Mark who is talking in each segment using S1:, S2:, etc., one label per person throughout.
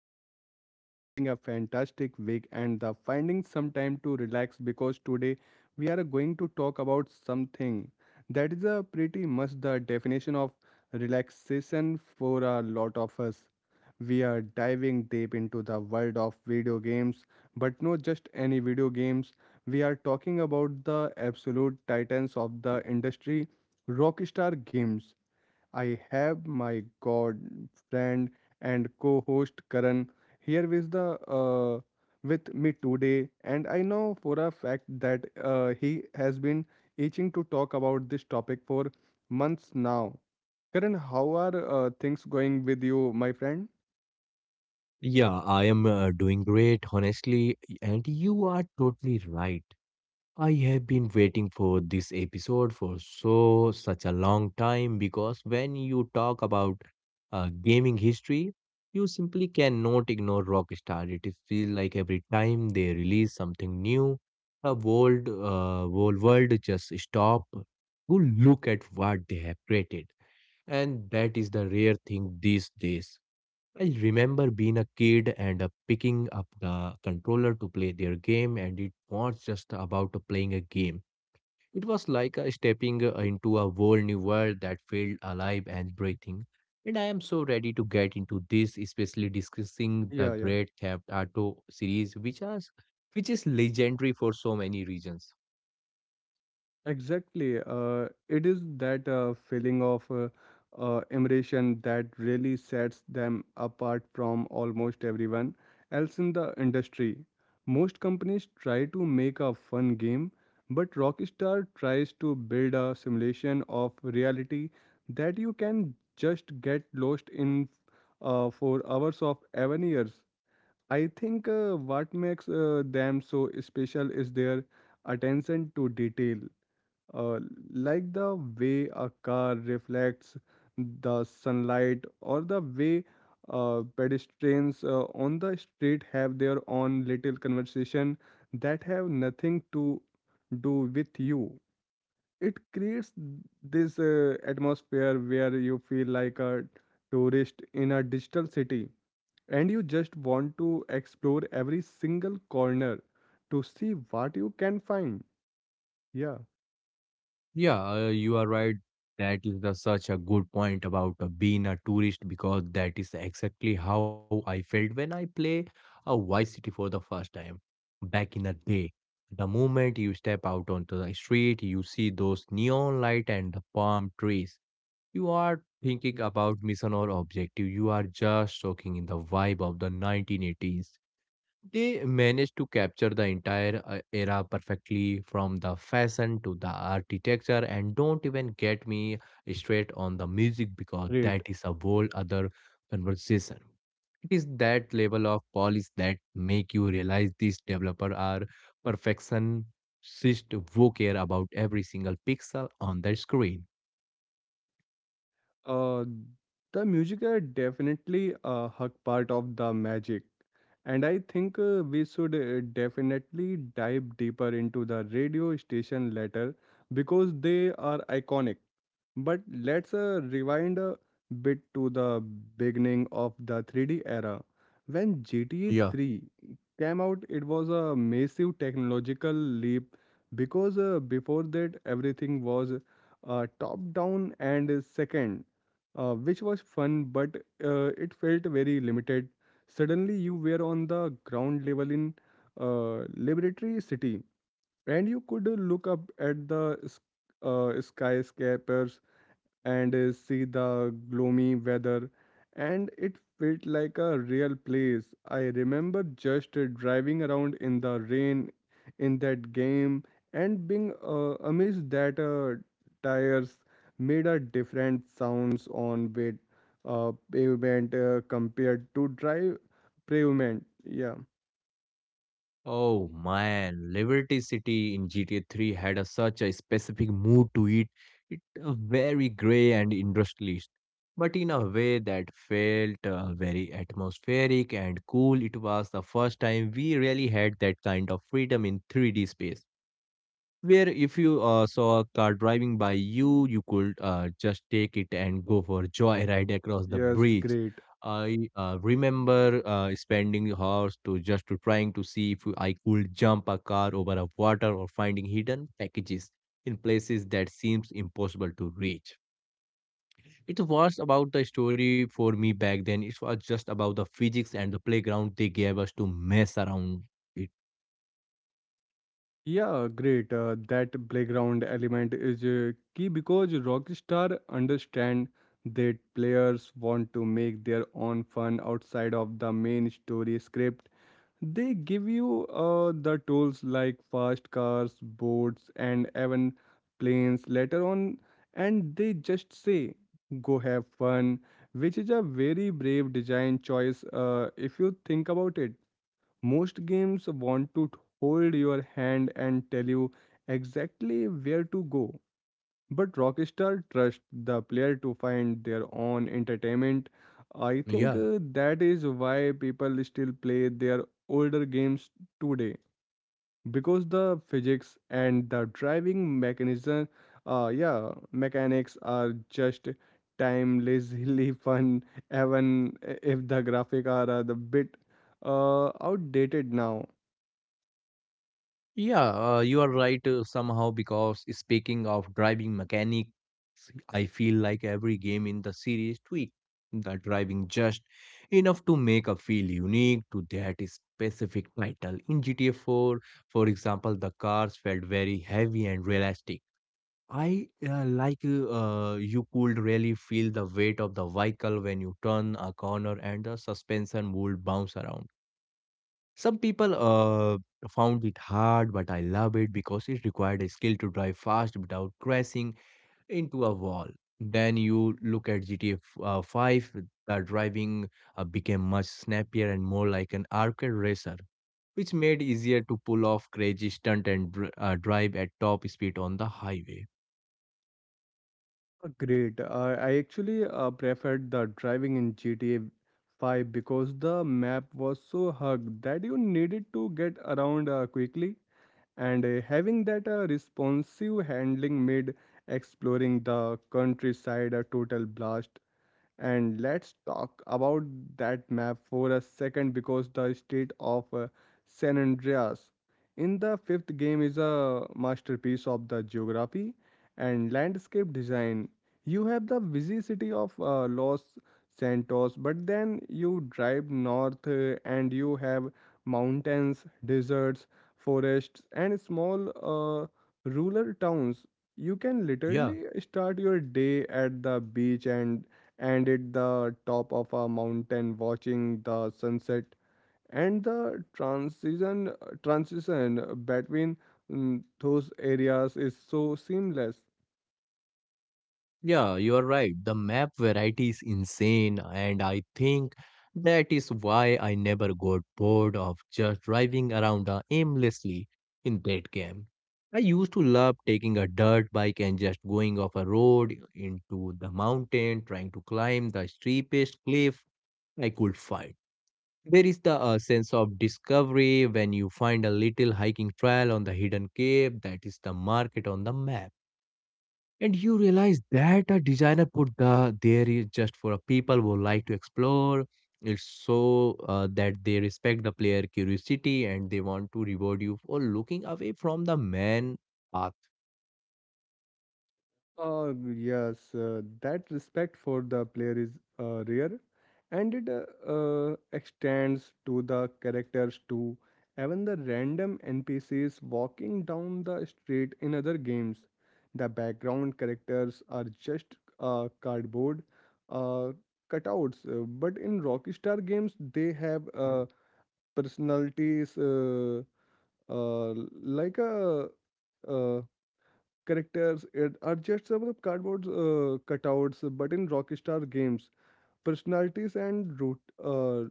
S1: you guys are having a fantastic week and the finding some time to relax because today we are going to talk about something that is a pretty much the definition of relaxation for a lot of us. We are diving deep into the world of video games, but not just any video games. We are talking about the absolute titans of the industry, Rockstar Games. I have my god friend and co-host Karan here with the with me today, and I know for a fact that he has been itching to talk about this topic for months now. Karan, how are things going with you, my friend?
S2: Yeah, I am doing great, honestly. And you are totally right. I have been waiting for this episode for so such a long time because when you talk about gaming history, you simply cannot ignore Rockstar. It feels like every time they release something new, the whole world just stop to look at what they have created. And that is the rare thing these days. I remember being a kid and picking up the controller to play their game, and it was just about playing a game. It was like stepping into a whole new world that felt alive and breathing. And I am so ready to get into this, especially discussing the
S1: Yeah.
S2: Great Theft Auto series, which is legendary for so many reasons.
S1: Exactly. It is that feeling of immersion that really sets them apart from almost everyone else in the industry. Most companies try to make a fun game, but Rockstar tries to build a simulation of reality that you can just get lost in for hours of even years. I think what makes them so special is their attention to detail, uh, like the way a car reflects the sunlight or the way pedestrians on the street have their own little conversation that have nothing to do with you. It creates this atmosphere where you feel like a tourist in a digital city, and you just want to explore every single corner to see what you can find. Yeah,
S2: Yeah, you are right. That is the, such a good point about being a tourist because that is exactly how I felt when I play a Vice City for the first time back in the day. The moment you step out onto the street, you see those neon light and the palm trees. You are thinking about mission or objective. You are just soaking in the vibe of the 1980s. They managed to capture the entire era perfectly from the fashion to the architecture, and don't even get me straight on the music because
S1: great.
S2: that is a whole other conversation. It is that level of polish that make you realize these developers are perfectionists who care about every single pixel on their screen.
S1: Uh, the music are definitely a hug part of the magic, and I think we should definitely dive deeper into the radio station later because they are iconic. But let's rewind a bit to the beginning of the 3D era. When GTA
S2: Yeah.
S1: 3 came out, it was a massive technological leap because before that everything was top down and second, which was fun, but it felt very limited. Suddenly, you were on the ground level in Liberty City, and you could look up at the skyscrapers and see the gloomy weather, and it felt like a real place. I remember just driving around in the rain in that game and being amazed that tires made a different sounds on wet pavement compared to dry pavement. Yeah,
S2: Oh man, Liberty City in GTA 3 had a, such a specific mood to it. It very grey and industrialist, but in a way that felt very atmospheric and cool. It was the first time we really had that kind of freedom in 3D space where if you saw a car driving by you, you could just take it and go for a joyride across the
S1: yes,
S2: bridge.
S1: great.
S2: I remember spending hours to just to trying to see if I could jump a car over a water or finding hidden packages in places that seems impossible to reach. It was about the story for me back then. It was just about the physics and the playground they gave us to mess around it.
S1: Yeah, great. That playground element is key because Rockstar understand that players want to make their own fun outside of the main story script. They give you the tools like fast cars, boats, and even planes later on, and they just say, "Go have fun," which is a very brave design choice if you think about it. Most games want to hold your hand and tell you exactly where to go, but Rockstar trusts the player to find their own entertainment. I think
S2: Yeah.
S1: that is why people still play their older games today because the physics and the driving mechanics are just timelessly fun, even if the graphic are a bit outdated now.
S2: Yeah, you are right somehow because speaking of driving mechanics, I feel like every game in the series tweak the driving just enough to make a feel unique to that specific title. In GTA 4, for example, the cars felt very heavy and realistic. I like you could really feel the weight of the vehicle when you turn a corner and the suspension would bounce around. Some people found it hard, but I love it because it required a skill to drive fast without crashing into a wall. Then you look at GTA 5, the driving became much snappier and more like an arcade racer, which made easier to pull off crazy stunt and drive at top speed on the highway.
S1: Great. I actually preferred the driving in GTA 5 because the map was so hugged that you needed to get around quickly, and having that responsive handling made exploring the countryside a total blast. And let's talk about that map for a second because the state of San Andreas in the fifth game is a masterpiece of the geography and landscape design. You have the busy city of Los Santos, but then you drive north and you have mountains, deserts, forests, and small rural towns. You can
S2: Yeah.
S1: literally start your day at the beach and at the top of a mountain watching the sunset, and the transition between those areas is so seamless.
S2: Yeah, you are right. The map variety is insane, and I think that is why I never got bored of just driving around aimlessly in that game. I used to love taking a dirt bike and just going off a road into the mountain, trying to climb the steepest cliff I could find. There is the sense of discovery when you find a little hiking trail on the hidden cave that is the market on the map, and you realize that a designer put the there is just for a people who like to explore. It's so that they respect the player curiosity and they want to reward you for looking away from the main path.
S1: Yes, that respect for the player is rare, and it extends to the characters too. Even the random NPCs walking down the street in other games, the background characters are just cardboard uh, cutouts. But in Rockstar games, they have personalities, uh, like a uh, characters it are just some of the cardboard cutouts, but in Rockstar games, personalities and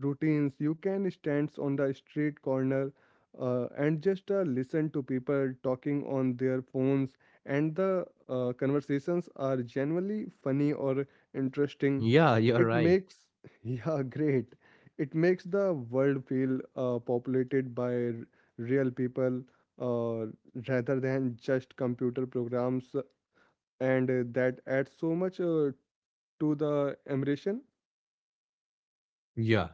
S1: routines. You can stand on the street corner and just listen to people talking on their phones, and the conversations are genuinely funny or interesting.
S2: Yeah, you're
S1: It
S2: right.
S1: makes, yeah, great. It makes the world feel populated by real people, uh, rather than just computer programs, and that adds so much to the immersion.
S2: Yeah.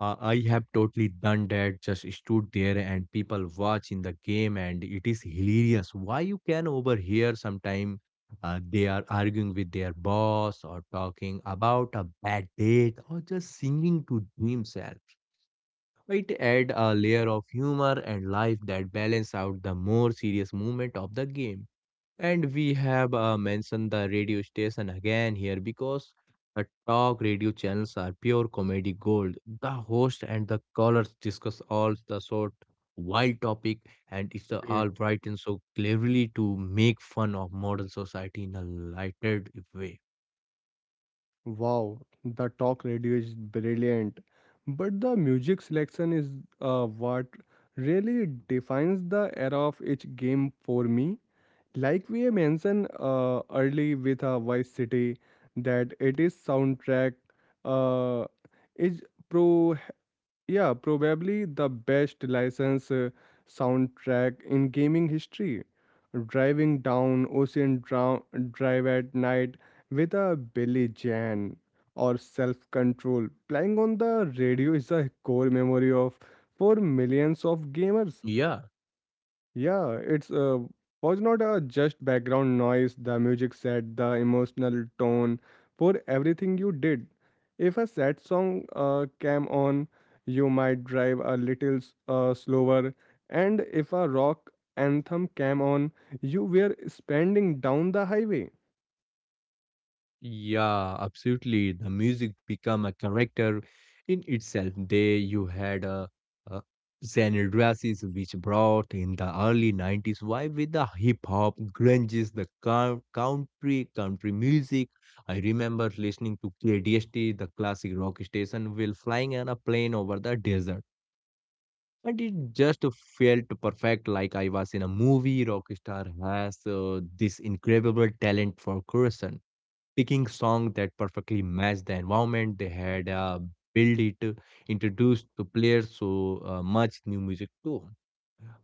S2: I have totally done that. Just stood there and people watch in the game, and it is hilarious. Why you can overhear sometime they are arguing with their boss or talking about a bad date or just singing to themselves. It add a layer of humor and life that balance out the more serious moment of the game. And we have mentioned the radio station again here because the talk radio channels are pure comedy gold. The host and the callers discuss all the sort wild topic, and it's
S1: Great.
S2: all bright and so cleverly to make fun of modern society in a lighted way.
S1: Wow. The talk radio is brilliant. But the music selection is what really defines the era of each game for me. Like we mentioned early with Vice City, that it is soundtrack uh, is pro. Yeah, probably the best license soundtrack in gaming history. Driving down Drive at night with a Billy Jan or Self Control playing on the radio is a core memory of for millions of gamers.
S2: Yeah.
S1: Yeah, it's was not a just background noise. The music set the emotional tone for everything you did. If a sad song came on, you might drive a little slower, and if a rock anthem came on, you were spending down the highway.
S2: Yeah, absolutely. The music become a character in itself. There you had a uh, Zen dresses which brought in the early 90s vibe with the hip hop, grunges, country, country music. I remember listening to KDST, the classic rock station, while flying on a plane over the desert. And it just felt perfect, like I was in a movie. Rockstar has this incredible talent for creation picking song that perfectly matched the environment they had built it, introduced to players so much new music too.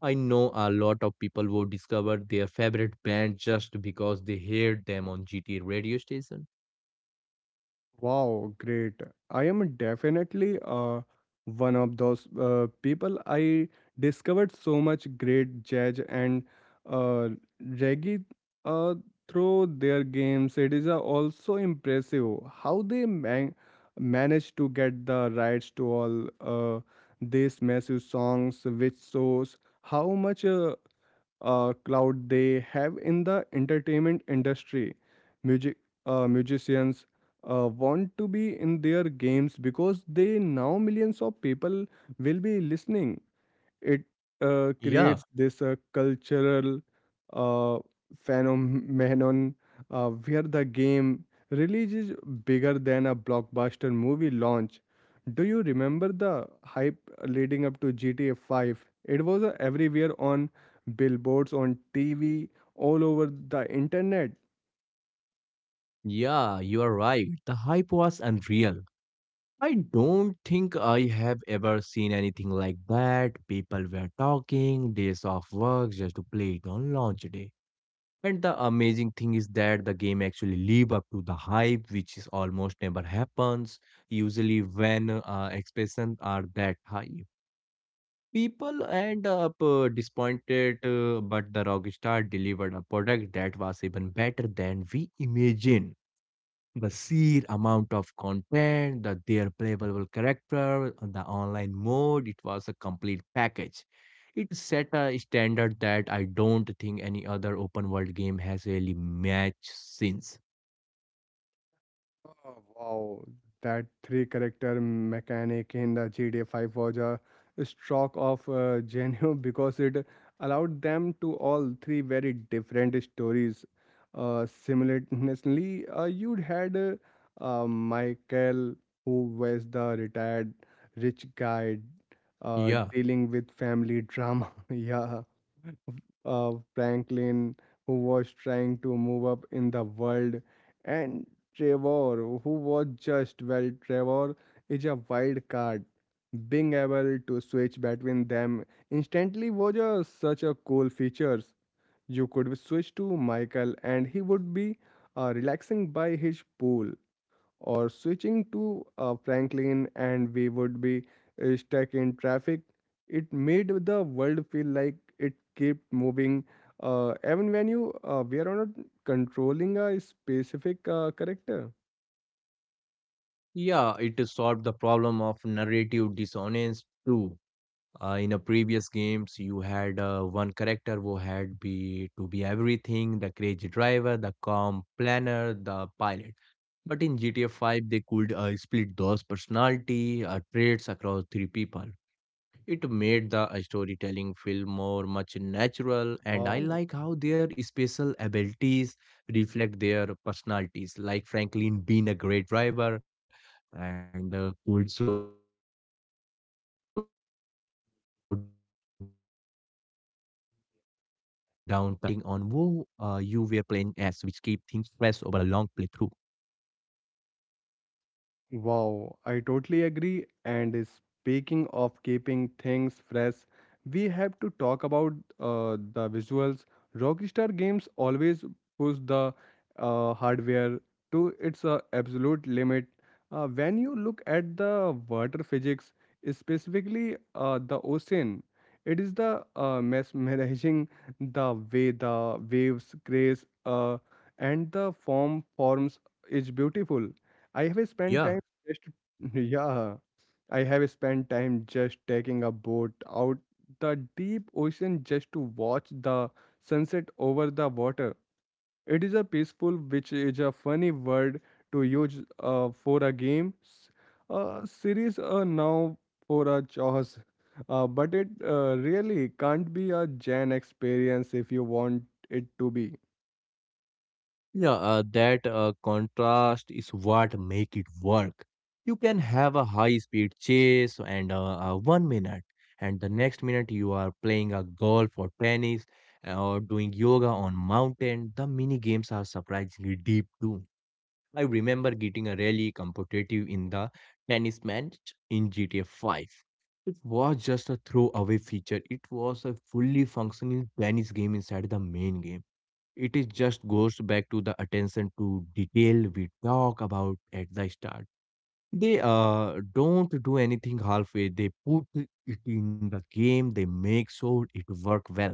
S2: I know a lot of people who discover their favorite band just because they heard them on GTA radio station.
S1: Wow, great. I am definitely one of those people. I discovered so much great jazz and uh, reggae uh, through their games. It is also impressive how they managed to get the rights to all these massive songs, which shows how much clout they have in the entertainment industry. Music Musicians want to be in their games because they know millions of people will be listening it.
S2: Yeah,
S1: Creates this cultural uh, phenomenon where the game release is bigger than a blockbuster movie launch. Do you remember the hype leading up to GTA 5? It was everywhere on billboards, on TV, all over the internet.
S2: yeah, you are right. The hype was unreal. I don't think I have ever seen anything like that. People were talking days off work just to play it on launch day. And the amazing thing is that the game actually live up to the hype, which is almost never happens. Usually, when expectations are that high, people end up disappointed. But the Rockstar delivered a product that was even better than we imagined the sheer amount of content, the their playable character, the online mode, it was a complete package. It set a standard that I don't think any other open world game has really matched since.
S1: Oh, wow, that three character mechanic in the GTA 5 was a stroke of genius because it allowed them to all three very different stories simultaneously. You had Michael, who was the retired rich guy
S2: Yeah,
S1: dealing with family drama. Yeah, Franklin, who was trying to move up in the world, and Trevor, who was just well, Trevor is a wild card. Being able to switch between them instantly was such a cool features. You could switch to Michael, and he would be relaxing by his pool, or switching to Franklin and we would be stuck in traffic. It made the world feel like it kept moving. Even when you we are not controlling a specific character.
S2: yeah, it solved the problem of narrative dissonance too. In the previous games, you had one character who had be to be everything: the crazy driver, the calm planner, the pilot. But in GTA 5, they could split those personality traits across 3 people. It made the storytelling feel more much natural, and I
S1: Wow.
S2: like how their special abilities reflect their personalities. Like Franklin being a great driver and could slow down time in a car. It made the gameplay feel distinct depending on who you were playing as, which keep things fresh over a long playthrough.
S1: Wow, I totally agree. And speaking of keeping things fresh, we have to talk about the visuals. Rockstar Games always push the hardware to its absolute limit. When you look at the water physics, specifically the ocean, it is the mesmerizing, the way the waves crash and the forms is beautiful. I have spent
S2: Yeah,
S1: time just yeah, I have spent time just taking a boat out the deep ocean just to watch the sunset over the water. It is a peaceful, which is a funny word to use for a game, a series now for a chores. But it really can't be a Gen experience if you want it to be.
S2: yeah, that contrast is what make it work. You can have a high speed chase and one minute, and the next minute you are playing a golf or tennis or doing yoga on mountain. The mini games are surprisingly deep too. I remember getting a really competitive in the tennis match in GTA 5. It was just a throwaway feature. It was a fully functioning tennis game inside the main game. It is just goes back to the attention to detail we talk about at the start. They don't do anything halfway. They put it in the game. They make sure it work well.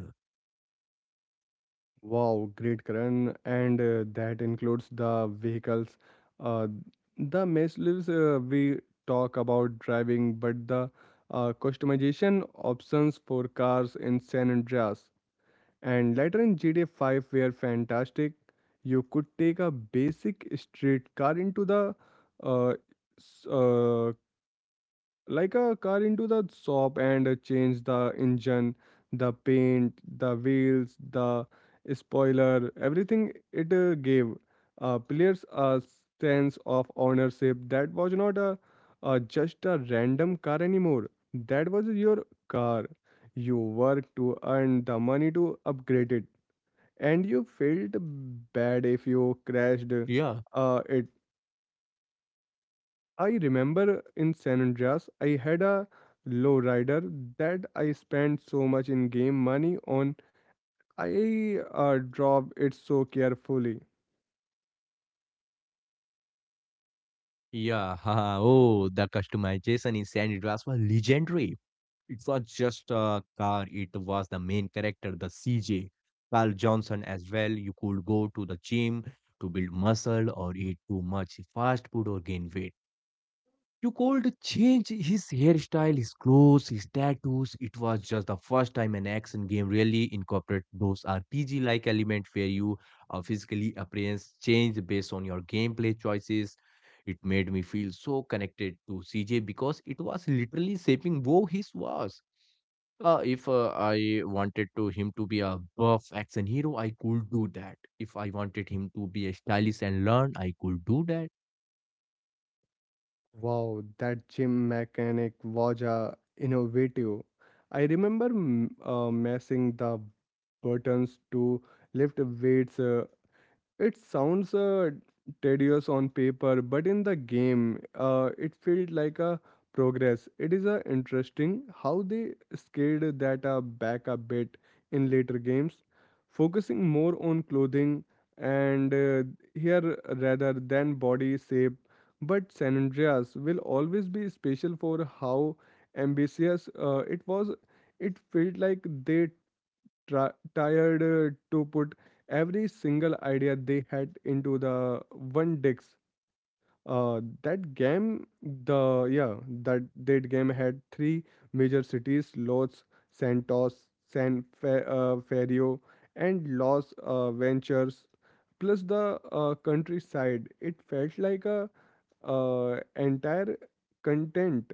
S1: Wow, great, Karan. And that includes the vehicles. Uh, the measures we talk about driving, but the customization options for cars in San Andreas and later in GTA 5 were fantastic. You could take a basic street car into the uh, s- like a car into the shop and change the engine, the paint, the wheels, the spoiler, everything. It gave players a sense of ownership that was not a, a just a random car anymore. That was your car. You worked to earn the money to upgrade it, and you felt
S2: Yeah,
S1: bad if you crashed it. I remember in San Andreas, I had a lowrider that I spent so much in game money on. I drove it so carefully.
S2: yeah. haha, oh, the customization in San Andreas was legendary. It was just a car. It was the main character, the CJ. Carl Johnson as well. You could go to the gym to build muscle or eat too much fast food or gain weight. You called change his hairstyle, his clothes, his tattoos. It was just the first time an action game really incorporated those RPG-like element where you physically appearance change based on your gameplay choices. It made me feel so connected to CJ because it was literally shaping who he was. If I wanted to him to be a buff action hero, I could do that. If I wanted him to be a stylist and learn, I could do that.
S1: Wow, that gym mechanic was innovative. I remember messing the buttons to lift weights It sounds tedious on paper, but in the game, it felt like a progress. It is interesting how they scaled that back a bit in later games, focusing more on clothing and here rather than body shape. But San Andreas will always be special for how ambitious it was. It felt like they tired to put every single idea they had into the one disk. That game, that game had three major cities: Los Santos, Ferrio, and Los Ventures. Plus the countryside. It felt like a entire content.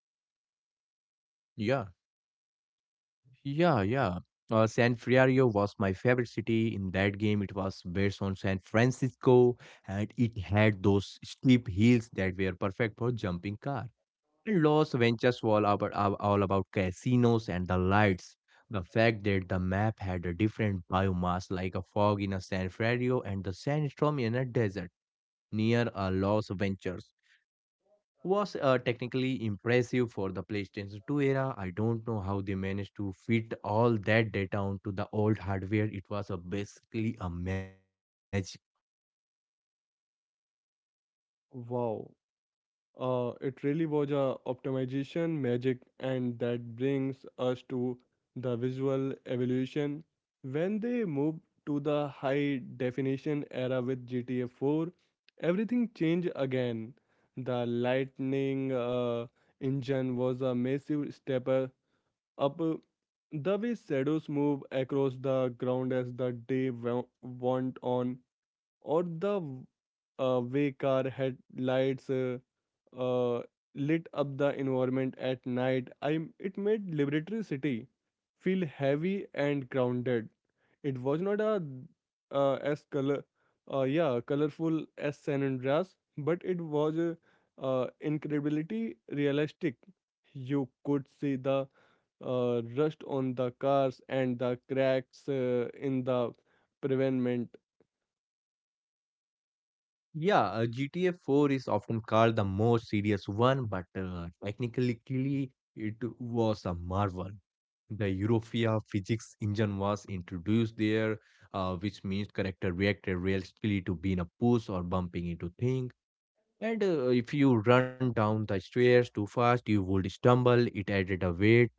S2: Yeah. Yeah, yeah. San Fierro was my favorite city in that game. It was based on San Francisco, and it had those steep hills that were perfect for jumping car. And Los Venturas was all about, all about casinos and the lights. The fact that the map had a different biomass like a fog in a San Fierro and the sandstorm in a desert near a Los Venturas was technically impressive for the PlayStation 2 era. I don't know how they managed to fit all that data onto the old hardware. It was a basically a magic.
S1: Wow. It really was a optimization magic, and that brings us to the visual evolution. When they moved to the high definition era with GTA 4, everything changed again. The lightning engine was a massive step up. The way shadows move across the ground as the went on, or the way car headlights uh, lit up the environment at night. It made Liberatory City feel heavy and grounded. It was not as colorful as San Andreas, but it was incredibly realistic. You could see the rust on the cars and the cracks in the pavement.
S2: Yeah, GTA 4 is often called the most serious one, but technically it was a marvel. The Europia physics engine was introduced there, which means character reacted realistically to being a push or bumping into things. And if you run down the stairs too fast, you would stumble. It added a weight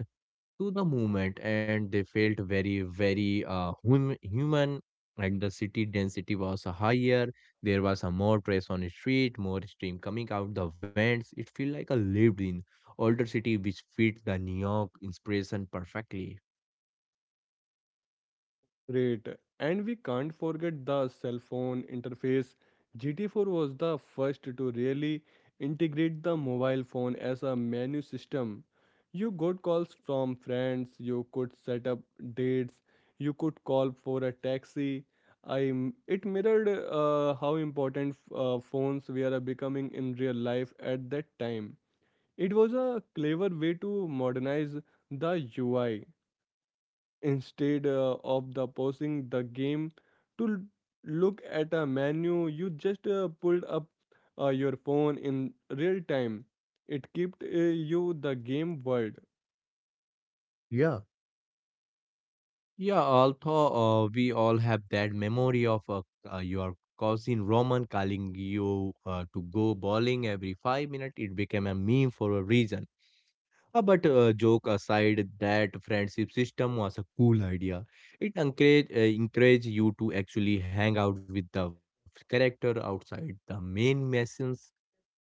S2: to the movement, and they felt very, very human. And the city density was higher. There was a more press on the street, more steam coming out the vents. It felt like a lived-in older city, which fit the New York inspiration perfectly.
S1: Great. And we can't forget the cell phone interface. GT4 was the first to really integrate the mobile phone as a menu system. You got calls from friends, you could set up dates, you could call for a taxi. It mirrored how important phones were becoming in real life at that time. It was a clever way to modernize the UI. Instead of the pausing the game to look at a menu, you just pulled up your phone in real time. It kept you the game world.
S2: Yeah, Yeah, although we all have that memory of your cousin Roman calling you to go bowling every 5 minutes. It became a meme for a reason. But joke aside, that friendship system was a cool idea. It encourage you to actually hang out with the character outside the main machine.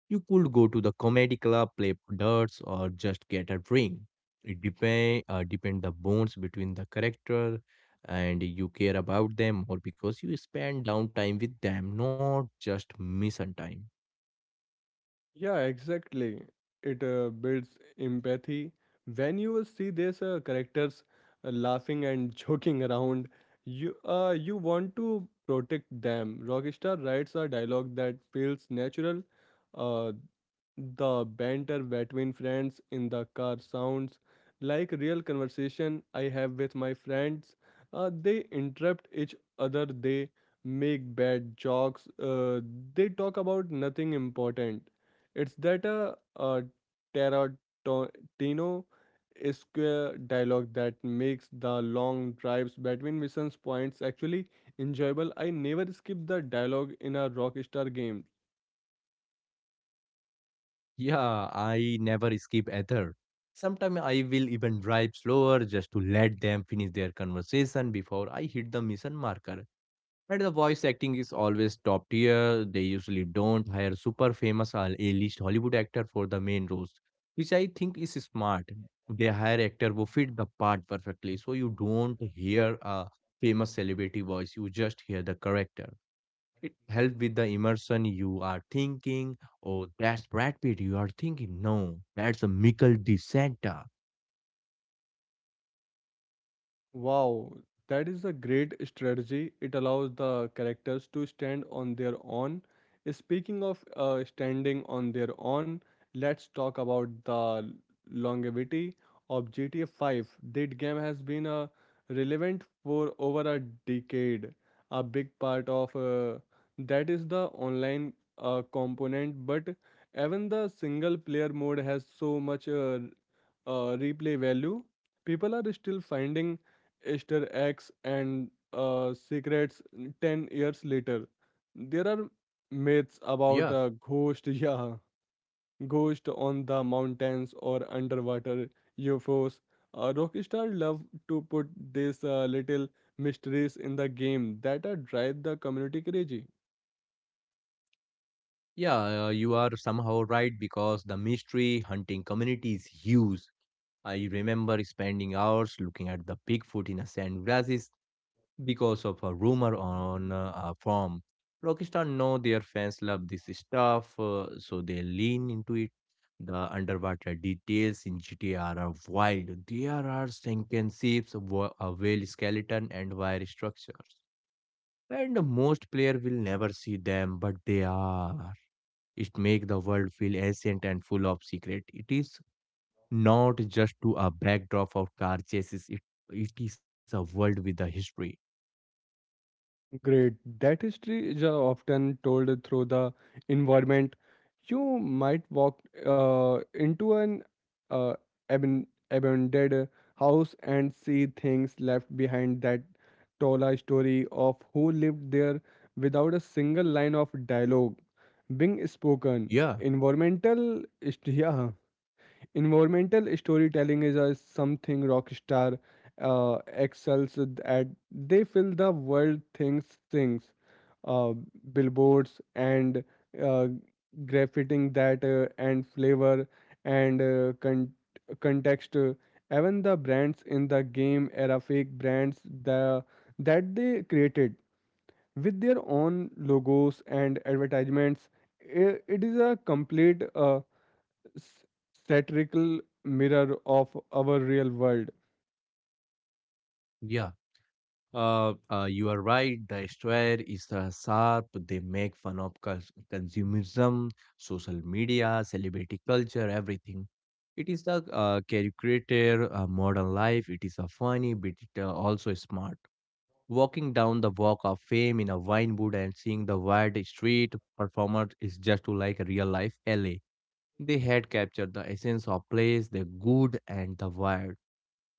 S2: You could go to the comedy club, play darts, or just get a drink. It depend the bonds between the character, and you care about them, or because you spend downtime with them, not just mission time.
S1: Yeah, exactly. It builds empathy. When you see these characters laughing and joking around, you want to protect them. Rockstar writes a dialogue that feels natural. Uh, The banter between friends in the car sounds like real conversation I have with my friends. They interrupt each other, they make bad jokes, they talk about nothing important. It's that a Tarantino square dialogue that makes the long drives between missions points actually enjoyable. I never skip the dialogue in a Rockstar game.
S2: Yeah, I never skip either. Sometimes I will even drive slower just to let them finish their conversation before I hit the mission marker. But the voice acting is always top tier. They usually don't hire super famous or A-list Hollywood actor for the main roles, which I think is smart. They hire actor who fit the part perfectly, so you don't hear a famous celebrity voice. You just hear the character. It helps with the immersion. You are thinking, "Oh, that's Brad Pitt." You are thinking, "No, that's a Michael De Santa."
S1: Wow, that is a great strategy. It allows the characters to stand on their own. Speaking of standing on their own, let's talk about the longevity of GTA 5. That game has been relevant for over a decade. A big part of that is the online component, but even the single player mode has so much replay value. People are still finding Easter eggs and secrets 10 years later. There are myths
S2: Yeah,
S1: about a ghost, yeah, ghost on the mountains or underwater UFOs. Rockstar love to put these little mysteries in the game that drive the community crazy.
S2: yeah, you are somehow right because the mystery hunting community is huge. I remember spending hours looking at the Bigfoot in a sand grasses because of a rumor on a forum. Rockstar know their fans love this stuff, so they lean into it. The underwater details in GTR are wild. There are sunken ships, a whale skeleton, and wire structures. And most player will never see them, but they are. It make the world feel ancient and full of secret. It is not just to a backdrop of car chases. It is a world with a history.
S1: Great. That history is often told through the environment. You might walk into an uh, abandoned house and see things left behind that tell a story of who lived there without a single line of dialogue being spoken.
S2: Yeah,
S1: Yeah, Environmental storytelling is a something Rockstar excels at. They fill the world things, uh, billboards and uh, graffiting that and flavor and context. Even the brands in the game era fake brands that they created with their own logos and advertisements. It is a complete s- satirical mirror of our real world.
S2: yeah. You are right. The square is sharp. They make fun of consumerism, social media, celebrity culture, everything. It is the caricature modern life. It is a funny, but it, also smart. Walking down the walk of fame in a wine wood and seeing the wide street performer is just to like a real life LA. They had captured the essence of place, the good and the wild.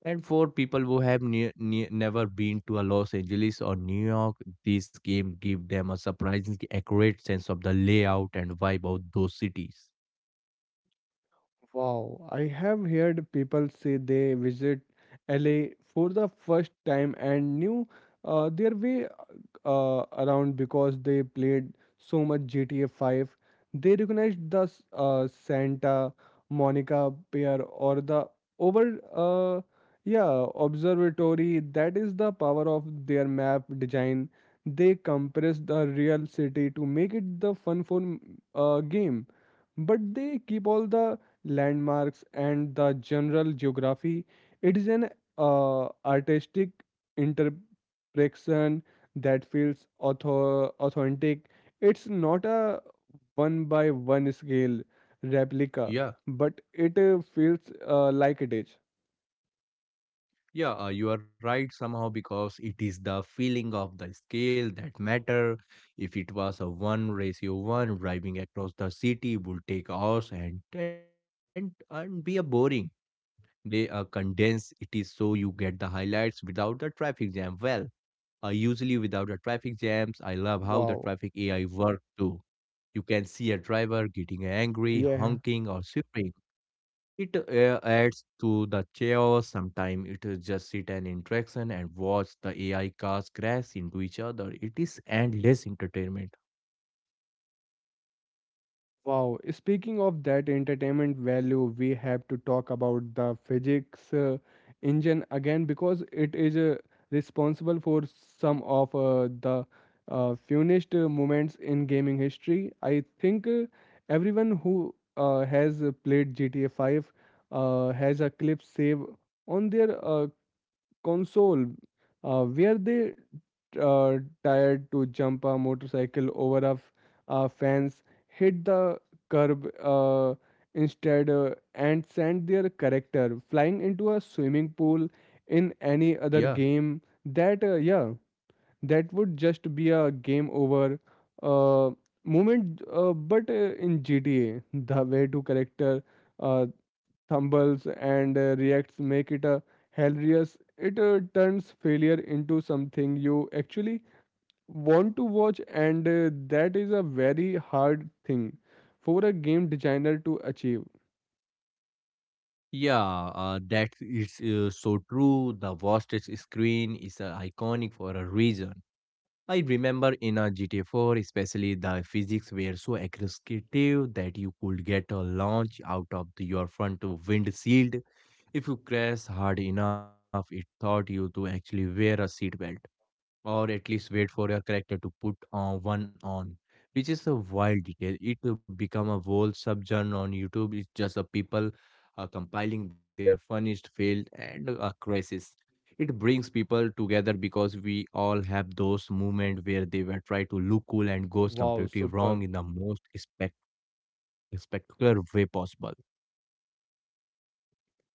S2: And for people who have never been to a Los Angeles or New York, this game give them a surprisingly accurate sense of the layout and vibe of those cities.
S1: Wow, I have heard people say they visit LA for the first time and knew their way around because they played so much GTA 5. They recognized the Santa Monica Pier or the over, uh, yeah, observatory. That is the power of their map design. They compress the real city to make it the fun for game, but they keep all the landmarks and the general geography. It is an artistic interpretation that feels authentic. It's not a one by one scale replica,
S2: Yeah,
S1: but it feels like it is.
S2: yeah, you are right somehow because it is the feeling of the scale that matter. If it was a one ratio one, driving across the city would take hours and be a boring. They condense it is so you get the highlights without the traffic jam. Well, usually without the traffic jams, I love how the
S1: Wow.
S2: traffic AI work too. You can see a driver getting angry,
S1: Yeah.
S2: honking, or sweeping. It adds to the chaos. Sometimes it is just sit an interaction and watch the AI cars crash into each other. It is endless entertainment.
S1: Wow, speaking of that entertainment value, we have to talk about the physics engine again because it is responsible for some of the funniest moments in gaming history. I think everyone who has played GTA 5 has a clip save on their console were they uh, tired to jump a motorcycle over a fence, hit the curb instead, and sent their character flying into a swimming pool. In any other
S2: Yeah.
S1: game that, that would just be a game over uh, moment, but in GTA the way to character uh, stumbles and reacts make it a hilarious. It turns failure into something you actually want to watch, and that is a very hard thing for a game designer to achieve.
S2: Yeah, that is so true. The vast screen is iconic for a reason. I remember in a GTA 4, especially the physics were so aggressive that you could get a launch out of your front windshield. If you crash hard enough, it taught you to actually wear a seatbelt, or at least wait for your character to put one on, which is a wild detail. It will become a whole subgenre on YouTube. It's just a people compiling their funniest failed and a crisis. It brings people together because we all have those moments where they were try to look cool and goes
S1: Wow,
S2: completely
S1: super.
S2: wrong in the most spectacular way possible.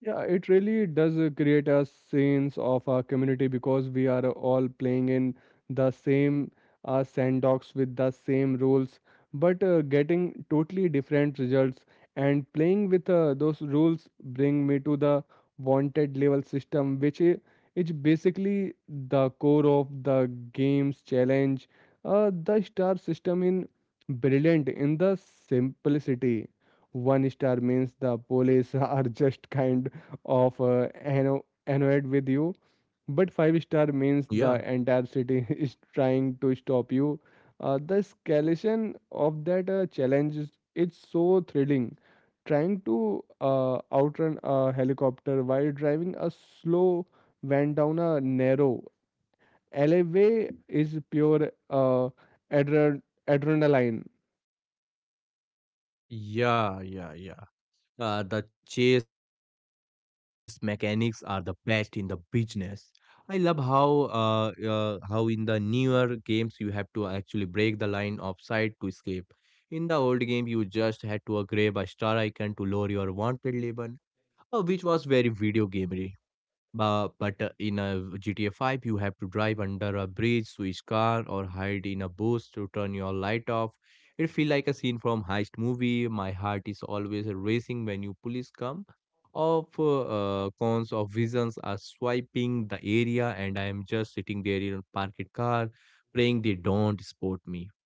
S1: Yeah, it really does create a sense of our community because we are all playing in the same sandbox with the same rules, but getting totally different results. And playing with those rules bring me to the wanted level system, is basically the core of the game's challenge. The star system in brilliant in the simplicity. One star means the police are just kind of annoyed with you. But five-star means the
S2: Yeah.
S1: entire city is trying to stop you. The escalation of that challenge is it's so thrilling. Trying to outrun a helicopter while driving a slow van down a narrow alleyway is pure adre- adrenaline.
S2: Yeah, yeah, yeah. The chase mechanics are the best in the business. I love how in the newer games you have to actually break the line of sight to escape. In the old game, you just had to grab a star icon to lower your wanted weapon, which was very video gamery. But in a GTA 5, you have to drive under a bridge, switch car, or hide in a bush to turn your light off. It feels like a scene from heist movie. My heart is always racing when you police come. Of cons of visions are swiping the area, and I am just sitting there in a parked car, praying they don't spot me.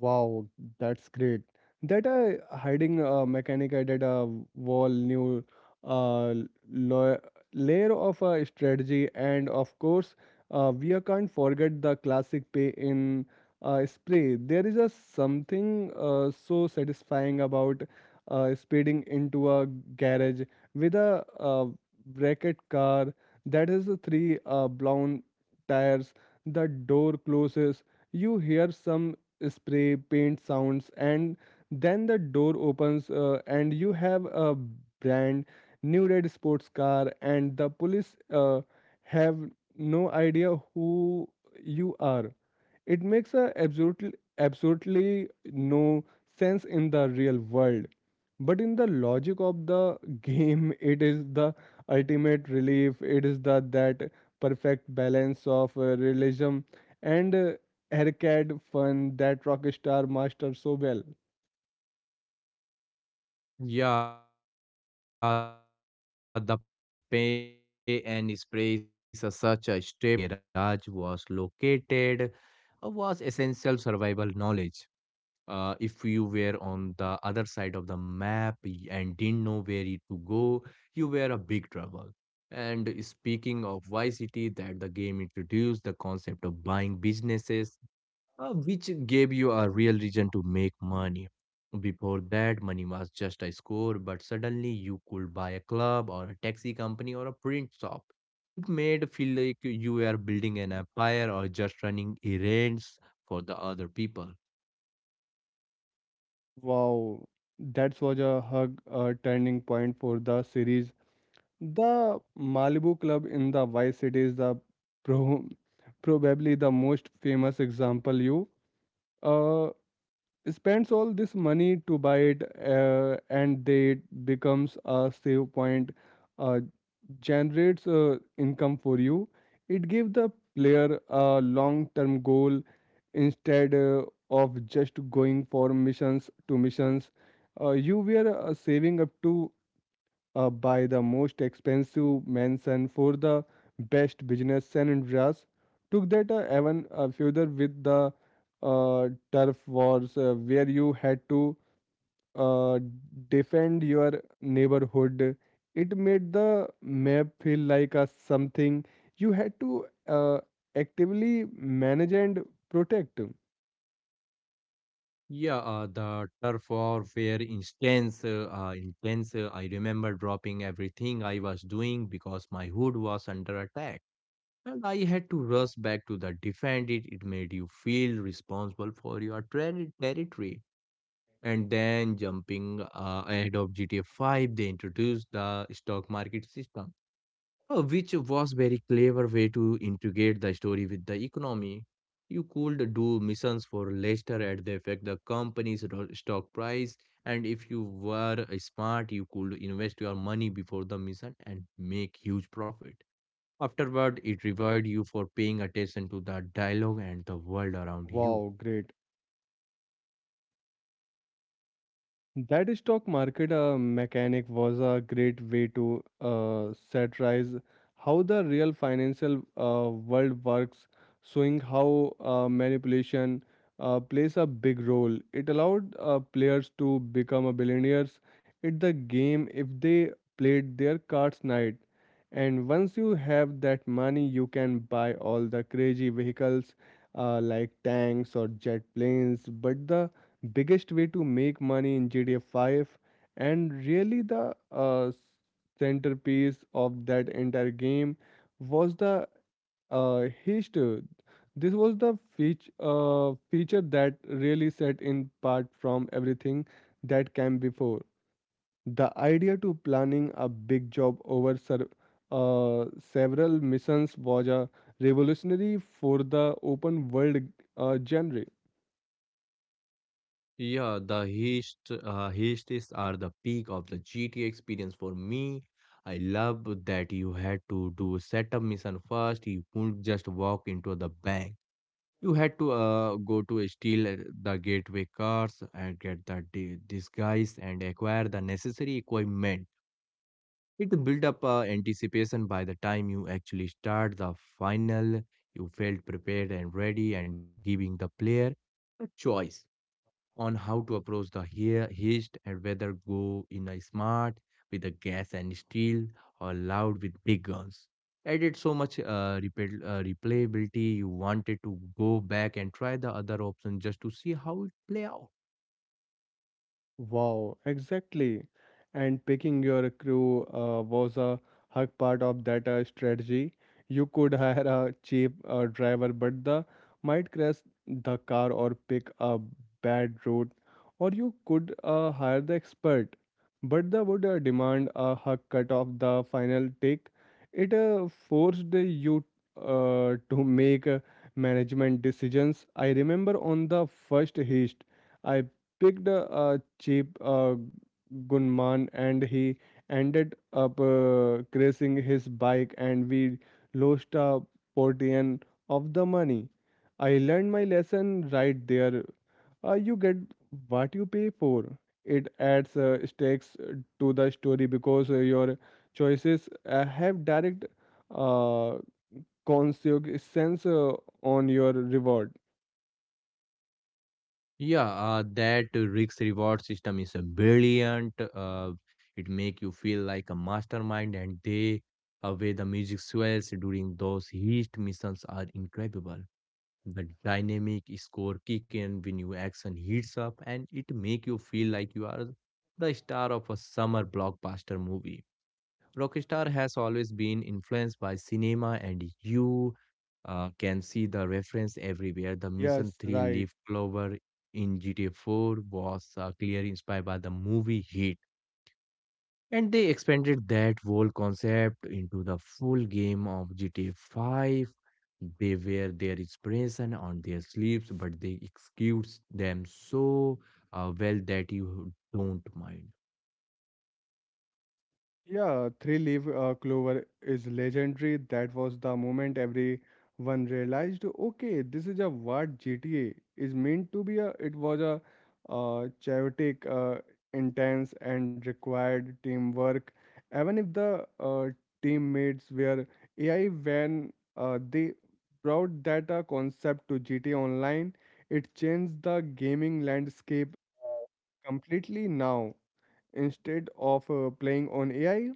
S1: Wow, that's great. That hiding mechanic added a whole new uh, lo- layer of strategy, and of course, we can't forget the classic pay in spray. There is a something so satisfying about speeding into a garage with a bracket car that has three blown tires. The door closes, you hear some spray paint sounds, and then the door opens and you have a brand new red sports car and the police have no idea who you are. It makes a absolutely absolutely no sense in the real world. But in the logic of the game, it is the ultimate relief. It is the that perfect balance of realism and arcade fun that Rockstar mastered so well.
S2: Yeah, the pay and sprays are such a staple. I remember in Vice City knowing exactly where every garage was located was essential survival knowledge. If you were on the other side of the map and didn't know where it to go, you were a big trouble. And speaking of Vice City, that the game introduced the concept of buying businesses which gave you a real reason to make money. Before that, money was just a score, but suddenly you could buy a club or a taxi company or a print shop. It made feel like you were building an empire or just running errands for the other people.
S1: Wow, that was a hug a turning point for the series. The Malibu Club in the Vice City is the pro- probably the most famous example. You uh, spends all this money to buy it, and they it becomes a save point, uh, generates income for you. It gives the player a long-term goal instead of just going for missions to missions. You were saving up to by the most expensive mansion for the best business. San Andreas took that even further with the turf wars, where you had to uh, defend your neighborhood. It made the map feel like a something you had to actively manage and protect.
S2: Yeah, the turf warfare instance, intense. I remember dropping everything I was doing because my hood was under attack. And I had to rush back to the defend it. It made you feel responsible for your territory. And then jumping ahead of GTA 5, they introduced the stock market system, which was very clever way to integrate the story with the economy. You could do missions for Leicester at the effect the company's stock price, and if you were smart, you could invest your money before the mission and make huge profit. Afterward, it revered you for paying attention to the dialogue and the world around you.
S1: Wow, great. That stock market mechanic was a great way to satirize how the real financial world works, showing how manipulation plays a big role. It allowed players to become a billionaires in the game if they played their cards right. And once you have that money, you can buy all the crazy vehicles like tanks or jet planes. But the biggest way to make money in GTA 5 and really the centerpiece of that entire game was the history. This was the feature, feature that really set in part from everything that came before. The idea to planning a big job over several missions was a revolutionary for the open world genre.
S2: Yeah, the heists are the peak of the GTA experience for me. I love that you had to do setup mission first. You couldn't just walk into the bank. You had to go to steal the gateway cars and get the disguise and acquire the necessary equipment. It built up anticipation by the time you actually start the final. You felt prepared and ready, and giving the player a choice on how to approach the heist, and whether go in a smart with a gas and steel or loud with big guns. Added so much replayability. You wanted to go back and try the other option just to see how it play out.
S1: Wow, exactly. And picking your crew was a hug part of that strategy. You could hire a cheap driver, but the might crash the car or pick a bad route, or you could hire the expert, but the would demand a hug cut of the final take. It forced you to make management decisions. I remember on the first heist. I picked a cheap gunman and he ended up crashing his bike and we lost a portion of the money. I learned my lesson right there. You get what you pay for. It adds stakes to the story because your choices have direct uh, consequence on your reward.
S2: Yeah, that risk reward system is a brilliant. It make you feel like a mastermind, and they where the music swells during those heist missions are incredible. The dynamic score kick in when you action heats up, and it make you feel like you are the star of a summer blockbuster movie. Rockstar has always been influenced by cinema, and you can see the reference everywhere. The Mission
S1: Yes,
S2: 3
S1: right.
S2: Leaf Clover in GTA 4 was clearly inspired by the movie Heat. And they expanded that whole concept into the full game of GTA 5. They wear their inspiration on their sleeves, but they execute them so well that you don't mind.
S1: Yeah, Three Leaf Clover is legendary. That was the moment everyone realized, okay, this is a what GTA is meant to be. A, it was a chaotic, intense, and required teamwork. Even if the teammates were AI, when they brought that concept to GTA Online, it changed the gaming landscape uh, completely now. Instead of playing on AI,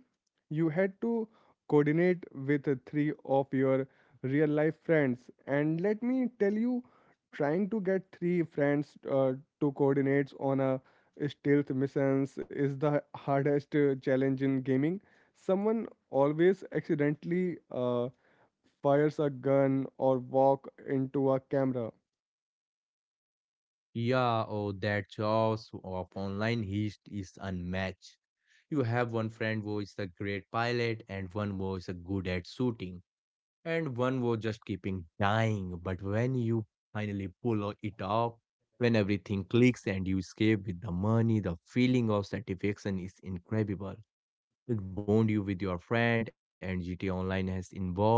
S1: you had to coordinate with three of your real life friends. And let me tell you, trying to get three friends to coordinate on a stealth missions is the hardest challenge in gaming. Someone always accidentally fires a gun or walk into a camera.
S2: Yeah, oh, that choice of online heist is unmatched. You have one friend who is a great pilot, and one who is a good at shooting, and one who just keeping dying. But when you finally pull it off, when everything clicks and you escape with the money, the feeling of satisfaction is incredible. It bond you with your friend, and GTA Online has involved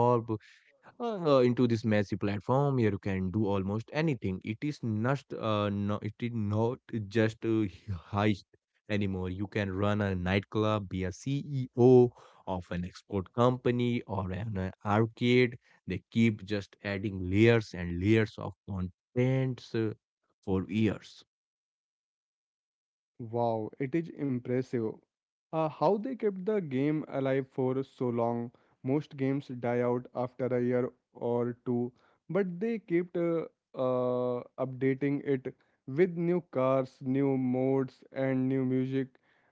S2: into this massive platform where you can do almost anything. It is not. It is not just a heist anymore. You can run a nightclub, be a CEO of an export company or an arcade. They keep just adding layers and layers of contents for years.
S1: Wow, it is impressive. How they kept the game alive for so long. Most games die out after a year or two, but they kept updating it with new cars, new modes, and new music.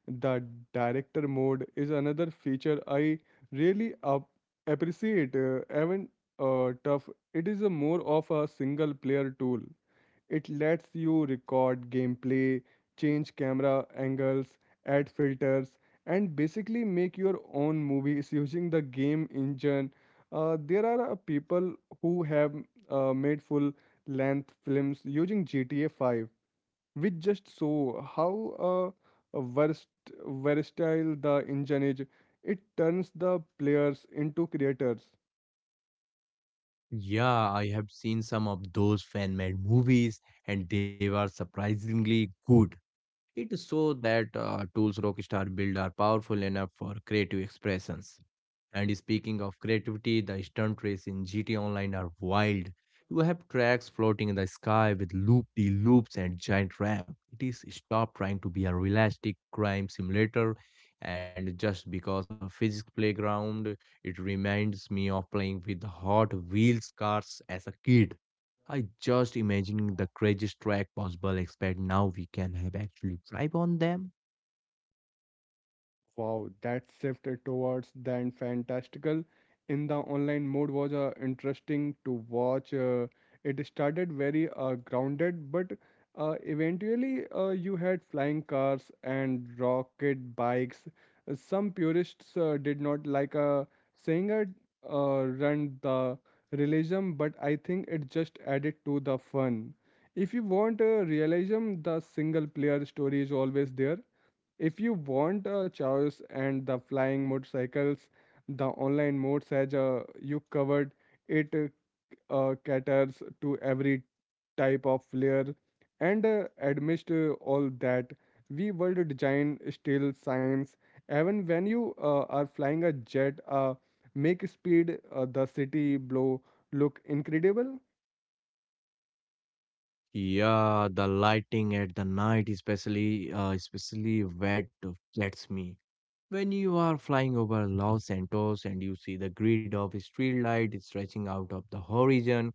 S1: The director mode is another feature I really up appreciate. Even tough, it is a more of a single player tool. It lets you record gameplay, change camera angles, add filters, and basically make your own movies using the game engine. There are people who have made full length films using GTA 5, which just show how versatile the engine is. It turns the players into creators.
S2: Yeah, I have seen some of those fan-made movies, and they were surprisingly good. It is so that tools Rockstar build are powerful enough for creative expressions. And speaking of creativity, the stunt race in GT Online are wild. You have tracks floating in the sky with loop de loops and giant ramp. It is stop trying to be a realistic crime simulator, and just because of physics playground, it reminds me of playing with Hot Wheels cars as a kid. I just imagining the craziest track possible, except now we can have actually drive on them.
S1: Wow, that shift towards the fantastical in the online mode was interesting to watch. It started very grounded, but eventually you had flying cars and rocket bikes. Some purists did not like, saying it run the realism, but I think it just added to the fun. If you want realism, the single player story is always there if you want a choice and the flying motorcycles, the online mode, as you covered, it caters to every type of flair, and amidst all that we world design still science even when you are flying a jet make speed the city blow look incredible.
S2: Yeah, the lighting at the night, especially wet, gets me. When you are flying over Los Santos and you see the grid of street light stretching out of the horizon,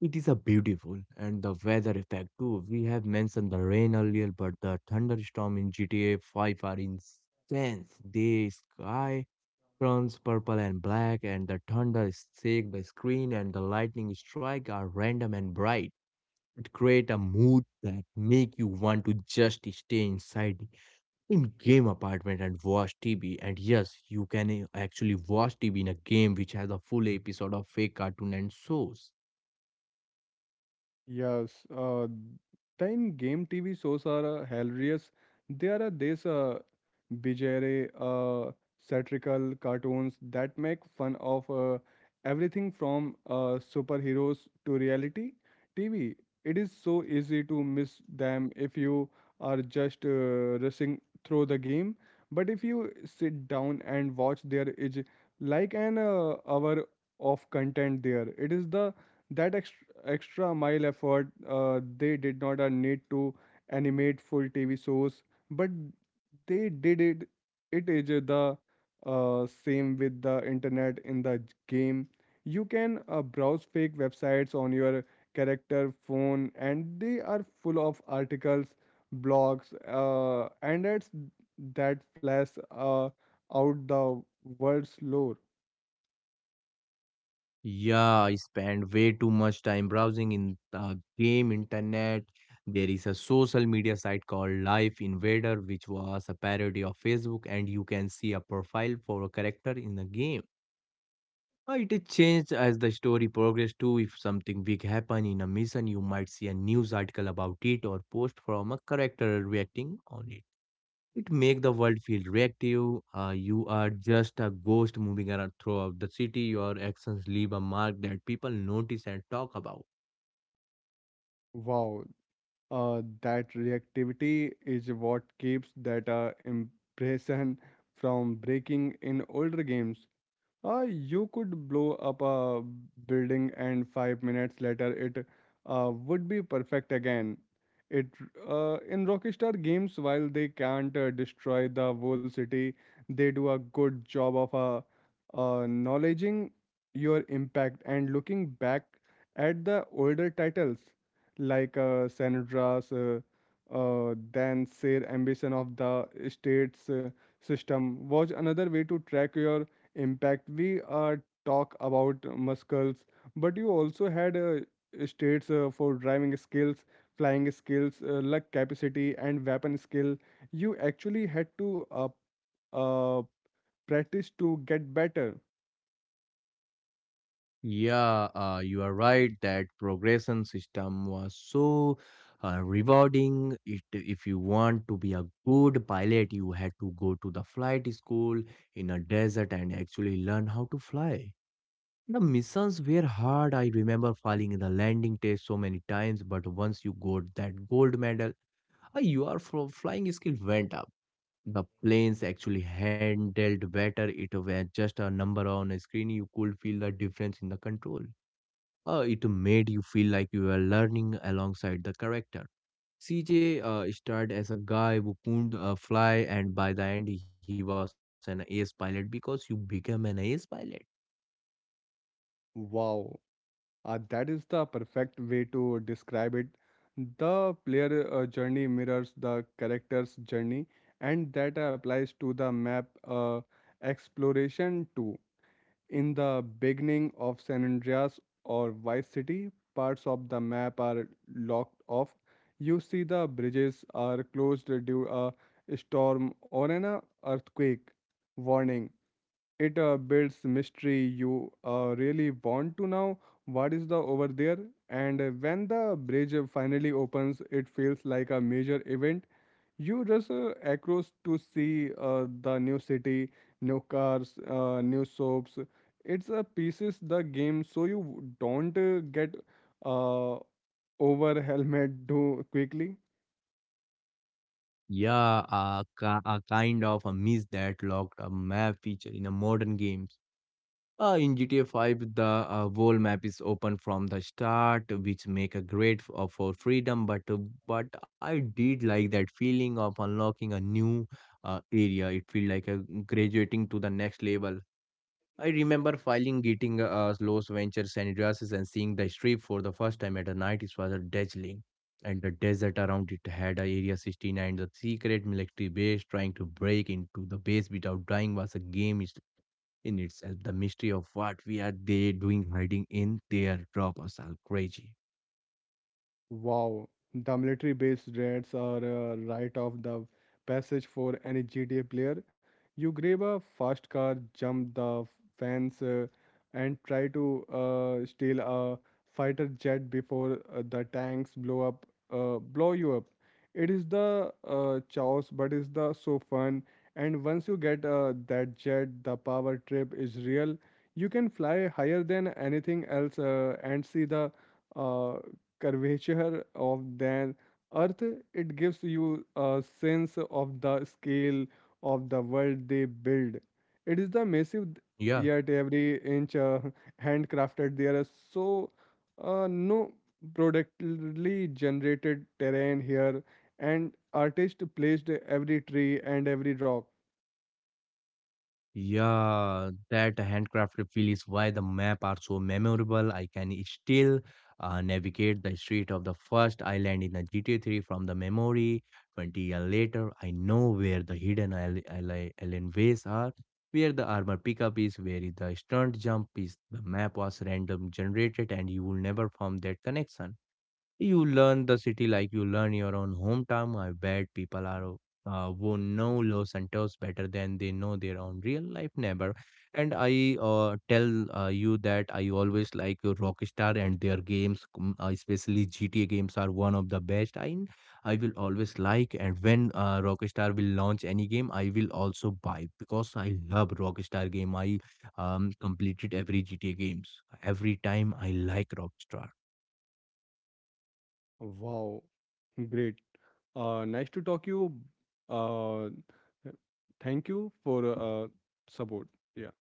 S2: it is a beautiful. And the weather effect too. We have mentioned the rain earlier, but the thunderstorm in GTA 5 are intense. The sky turns purple and black, and the thunder shakes the screen, and the lightning strikes are random and bright. It creates a mood that make you want to just stay inside the in-game apartment and watch TV. And yes, you can actually watch TV in a game which has a full episode of fake cartoon and shows.
S1: Yes, the game TV shows are hilarious. There are these bizarre, satirical cartoons that make fun of everything from superheroes to reality TV. It is so easy to miss them if you are just rushing through the game. But if you sit down and watch, there is like an hour of content there. It is the that extra, extra mile effort. They did not need to animate full TV shows, but they did it. It is the same with the internet in the game. You can browse fake websites on your character phone, and they are full of articles, blogs, and ads that flash out the world's lore.
S2: Yeah, I spend way too much time browsing in the game internet. There is a social media site called Life Invader, which was a parody of Facebook, and you can see a profile for a character in the game. It is changed as the story progressed too. If something big happen in a mission, you might see a news article about it or post from a character reacting on it. It make the world feel reactive. You are just a ghost moving around throughout the city. Your actions leave a mark that people notice and talk about.
S1: Wow, that reactivity is what keeps that impression from breaking in older games. You could blow up a building and 5 minutes later it would be perfect again. It in Rockstar games, while they can't destroy the whole city, they do a good job of acknowledging your impact and looking back at the older titles like Sandra's then Sir Ambition of the States system was another way to track your impact. We talk about muscles, but you also had states for driving skills, flying skills, luck capacity, and weapon skill. You actually had to uh, practice to get better.
S2: Yeah, you are right. That progression system was so rewarding. It, if you want to be a good pilot, you had to go to the flight school in a desert and actually learn how to fly. The missions were hard. I remember failing in the landing test so many times, but once you got that gold medal, flying skill went up. The planes actually handled better. It was just a number on a screen. You could feel the difference in the control. It made you feel like you were learning alongside the character. CJ started as a guy who couldn't fly, and by the end, he was an ace pilot because you became an ace pilot.
S1: Wow, that is the perfect way to describe it. The player journey mirrors the character's journey, and that applies to the map exploration too. In the beginning of San Andreas or Vice City, parts of the map are locked off. You see the bridges are closed due a storm or an earthquake warning. It builds mystery. You really want to know what is the over there. And when the bridge finally opens, it feels like a major event. You just across to see the new city, new cars, new soaps. It's a pieces the game, so you don't get uh, over helmet too quickly.
S2: Yeah, a kind of a miss that locked a map feature in a modern game. In GTA 5, the world map is open from the start, which make a great for freedom. But I did like that feeling of unlocking a new area. It feel like a graduating to the next level. I remember filing getting Los Ventures and dresses and seeing the strip for the first time at a night. It was a dazzling. And the desert around it had a Area 69, the secret military base trying to break into the base without dying was a game is- in itself. The mystery of what we are they doing hiding in there, drop us all crazy.
S1: Wow, the military base raids are a rite of the passage for any GTA player. You grab a fast car, jump the fence, and try to steal a fighter jet before the tanks blow up, blow you up. It is the chaos, but it's the so fun. And once you get that jet, the power trip is real. You can fly higher than anything else and see the uh, curvature of the earth. It gives you a sense of the scale of the world they build. It is the massive,
S2: Yeah.
S1: yet every inch handcrafted. There are so no productively generated terrain here, and artists placed every tree and every rock.
S2: Yeah, that handcrafted feel is why the map are so memorable. I can still navigate the street of the first island in the GTA 3 from the memory. 20 years later, I know where the hidden island ways are, where the armor pickup is, where is the stunt jump is. The map was random generated and you will never form that connection. You learn the city like you learn your own hometown. I bet people are who know Los Santos better than they know their own real life neighbor. And I tell you that I always like Rockstar and their games, especially GTA games, are one of the best. I will always like, and when Rockstar will launch any game, I will also buy because I love Rockstar game. I completed every GTA games. Every time I like Rockstar.
S1: Wow, great. Nice to talk you. Uh, thank you for support. Yeah.